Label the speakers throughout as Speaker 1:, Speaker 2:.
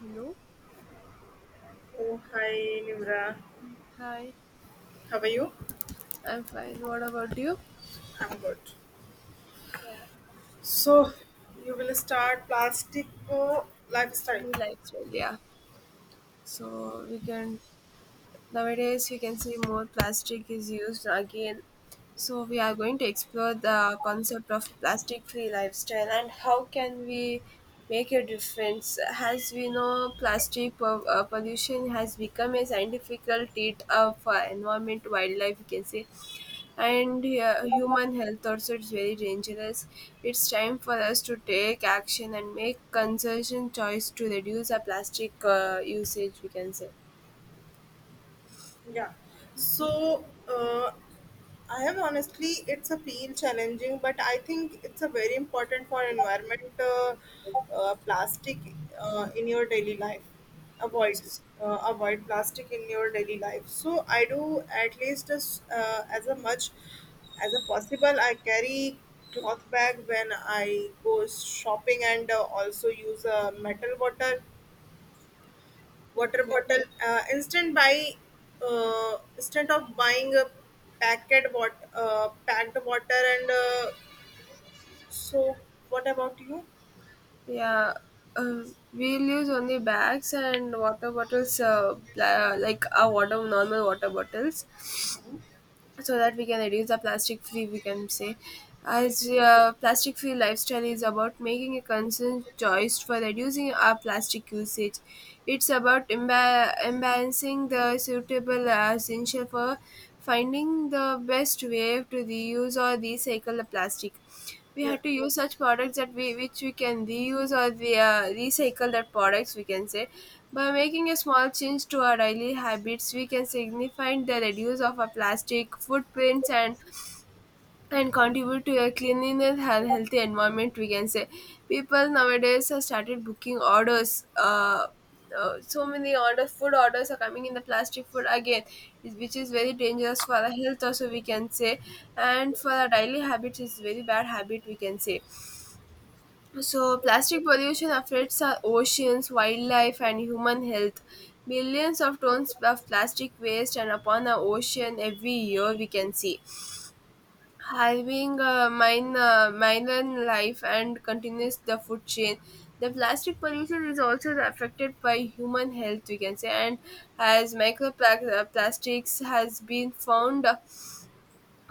Speaker 1: Hello?
Speaker 2: Oh, hi, Nimra.
Speaker 1: Hi.
Speaker 2: How are you?
Speaker 1: I'm fine. What about you?
Speaker 2: I'm good.
Speaker 1: Yeah. So,
Speaker 2: So, you will start plastic lifestyle.
Speaker 1: free lifestyle, yeah. So, we can nowadays, we can see more plastic is used again. So, we are going to explore the concept of plastic free lifestyle and how can we make a difference. As we know, pollution has become a scientific trait of environment, wildlife, you can say and human health also is very dangerous. It's time for us to take action and make conservation choice to reduce our plastic usage. We can say
Speaker 2: Yeah. So, I have honestly, it's a feel challenging, but I think it's a very important for environment. Plastic in your daily life, avoid
Speaker 1: yes.
Speaker 2: avoid plastic in your daily life. So I do at least as a much as a possible. I carry cloth bag when I go shopping and also use a metal bottle water
Speaker 1: Okay.
Speaker 2: bottle instant buy instead of buying a packet what packed water and so what about you?
Speaker 1: Yeah. Uh, we'll use only bags and water bottles, like our water, normal water bottles, so that we can reduce the plastic free. We can say, as plastic free lifestyle is about making a conscious choice for reducing our plastic usage. It's about imbalancing the suitable essential for finding the best way to reuse or recycle the plastic. We
Speaker 2: Yeah.
Speaker 1: have to use such products that we which we can reuse or recycle that products we can say. By making a small change to our daily habits we can signify the reduce of our plastic footprints and contribute to a cleanliness and healthy environment, we can say. People nowadays have started booking orders so many orders, food orders are coming in the plastic food again which is very dangerous for our health also, we can say, and for our daily habits it's very bad habit, we can say. So, plastic pollution affects our oceans, wildlife, and human health. Millions of tons of plastic waste and upon our ocean every year we can see. Having a minor life and continues the food chain. The plastic pollution is also affected by human health, we can say, and as microplastics has been found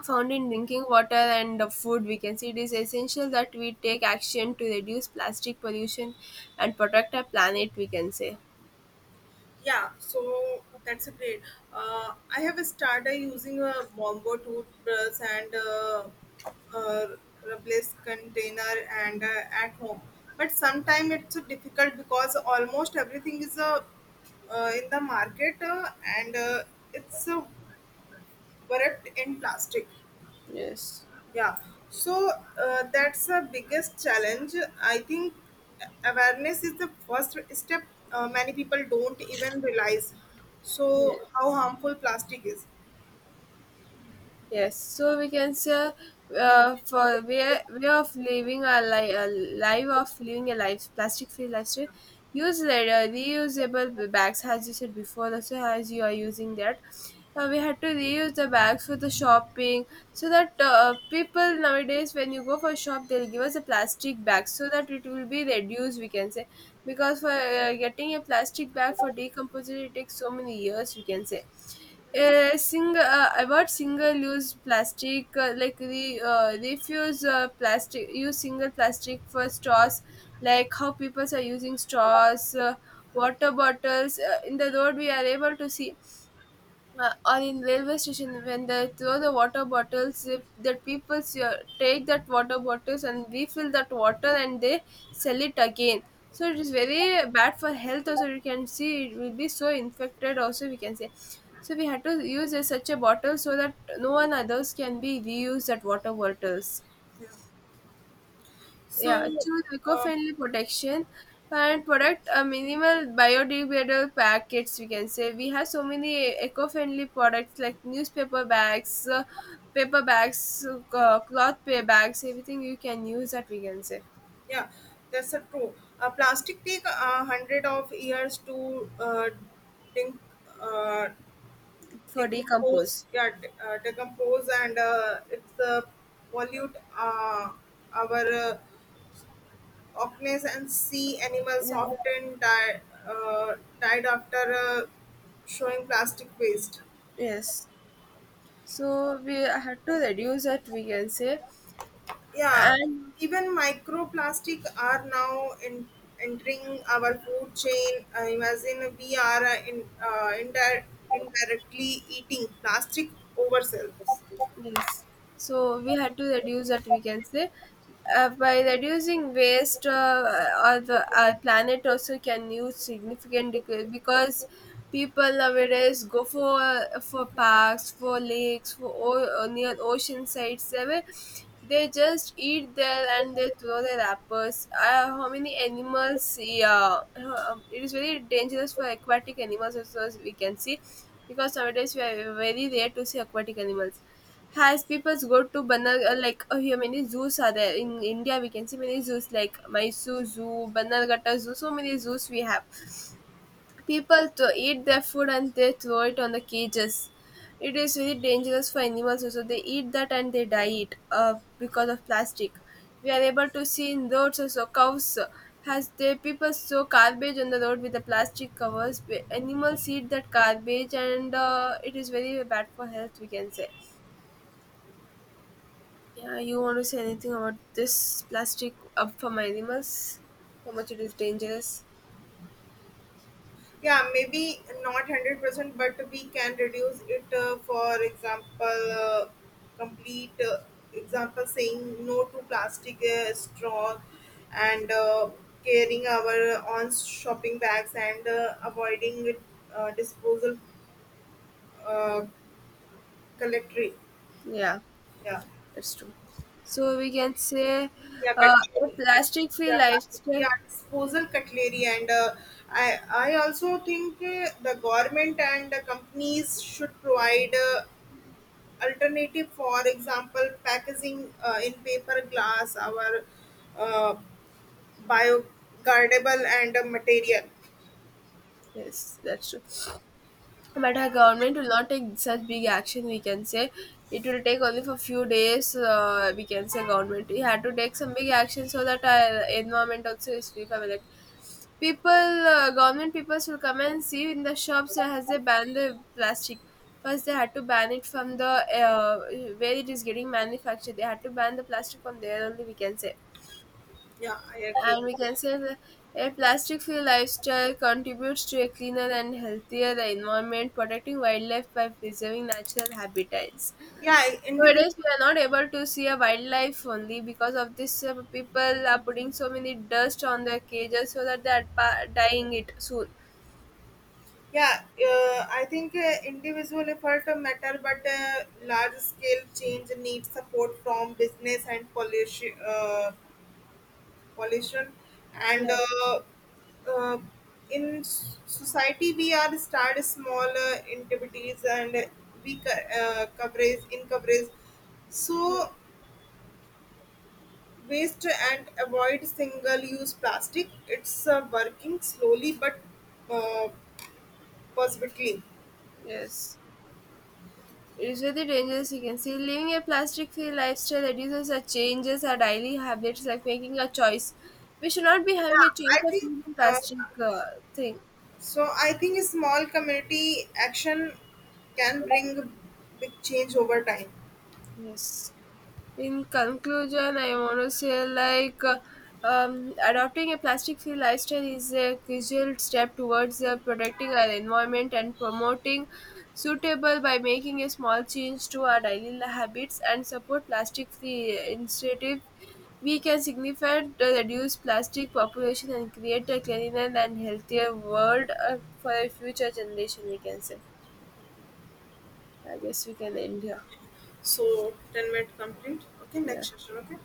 Speaker 1: found in drinking water and the food we can see. It is essential that we take action to reduce plastic pollution and protect our planet, we can say.
Speaker 2: Yeah, so that's a great. I have started using a bombo toothbrush and uh, replace container and at home, but sometimes it's difficult because almost everything is in the market and it's wrapped in plastic.
Speaker 1: Yes.
Speaker 2: Yeah, so that's the biggest challenge. I think awareness is the first step. Many people don't even realize so how
Speaker 1: Yes.
Speaker 2: harmful plastic is.
Speaker 1: Yes, so we can say for way of living a, li- a life, of living a life plastic free lifestyle. Use later reusable bags as you said before. Also, as you are using that, we had to reuse the bags for the shopping, so that people nowadays when you go for shop they'll give us a plastic bag so that it will be reduced, we can say. Because for getting a plastic bag for decomposition it takes so many years, we can say. Sing about single-use plastic, like refuse plastic, use single plastic for straws, like how people are using straws, water bottles. In the road, we are able to see or in railway station when they throw the water bottles, if the people take that water bottles and refill that water and they sell it again, so it is very bad for health also, you can see, it will be so infected also, we can say. So we had to use such a bottle so that no one others can be reuse that water bottles.
Speaker 2: Yeah.
Speaker 1: Yeah,
Speaker 2: So,
Speaker 1: choose
Speaker 2: uh,
Speaker 1: eco-friendly protection and product a minimal biodegradable packets. We can say we have so many eco-friendly products like newspaper bags, paper bags, bags, everything you can use that, we can say.
Speaker 2: yeah, that's a true. Plastic take a hundred of years to dec- uh,
Speaker 1: For
Speaker 2: decompose.
Speaker 1: decompose.
Speaker 2: Yeah, decompose and it's pollute our Orcnes, and sea animals
Speaker 1: Yeah.
Speaker 2: often die, uh, died after showing plastic waste.
Speaker 1: Yes. So we have to reduce that, we can say,
Speaker 2: Yeah,
Speaker 1: and
Speaker 2: even microplastic are now in, entering our food chain. Imagine we are indirectly eating plastic ourselves.
Speaker 1: yes. So we had to reduce that, we can say. By reducing waste, or our planet also can use significant decrease, because people nowadays go for parks, for lakes, for near ocean sites. They just eat there and they throw their wrappers. How many animals? Yeah, it is very dangerous for aquatic animals also, as we can see, because nowadays we are very rare to see aquatic animals, has people go to Banar like here many zoos are there in India, we can see many zoos like Mysore Zoo, Banarghatta Zoo, so many zoos we have. People to eat their food and they throw it on the cages. It is very dangerous for animals also. They eat that and they die it because of plastic. We are able to see in roads also cows has the people throw garbage on the road with the plastic covers. Animals eat that garbage and it is very bad for health, we can say. Yeah, you want to say anything about this plastic up from animals? How much it is dangerous?
Speaker 2: Yeah, maybe not 100%, but we can reduce it. For example, uh, complete example saying no to plastic straw and carrying our own shopping bags and avoiding disposal uh, collectory.
Speaker 1: Yeah,
Speaker 2: Yeah.
Speaker 1: that's true. So we can say
Speaker 2: Yeah,
Speaker 1: uh, a
Speaker 2: cutlery.
Speaker 1: plastic-free
Speaker 2: Yeah, plastic.
Speaker 1: lifestyle.
Speaker 2: Yeah, disposal cutlery, and I also think the government and the companies should provide alternative, for example packaging in paper glass our uh, biodegradable and material.
Speaker 1: Yes, that's true. But our government will not take such big action, we can say. It will take only for few days. We can say government we had to take some big action so that our environment also is free from it. People, government people will come and see in the shops, has they banned the plastic. First they had to ban it from the uh, where it is getting manufactured, they had to ban the plastic from there only, we can say,
Speaker 2: Yeah, I agree.
Speaker 1: and we can say that a plastic free lifestyle contributes to a cleaner and healthier environment, protecting wildlife by preserving natural habitats.
Speaker 2: Yeah, individual.
Speaker 1: Nowadays, we are not able to see a wildlife only because of this. People are putting so many dust on their cages so that they are dying it soon.
Speaker 2: Yeah, I think individual effort matter, but large scale change needs support from business and policy. Pollution and
Speaker 1: Yeah,
Speaker 2: uh, in society we are start small activities and coverage in coverage,
Speaker 1: yeah,
Speaker 2: so waste and avoid single use plastic. It's working slowly but uh, positively.
Speaker 1: yes. It is really dangerous, you can see. Living a plastic free lifestyle reduces or changes our daily habits, like making a choice. We should not be having a
Speaker 2: yeah
Speaker 1: choice
Speaker 2: i
Speaker 1: of
Speaker 2: think
Speaker 1: using
Speaker 2: uh,
Speaker 1: plastic thing.
Speaker 2: so i think small community action can bring big change over time.
Speaker 1: Yes. In conclusion, I want to say like adopting a plastic-free lifestyle is a crucial step towards protecting our environment and promoting suitable by making a small change to our daily habits and support plastic-free initiative. We can significantly reduce plastic population and create a cleaner and healthier world for a future generation, we can say. I guess we can end here.
Speaker 2: So 10-minute complete, okay,
Speaker 1: Yeah.
Speaker 2: next session, okay.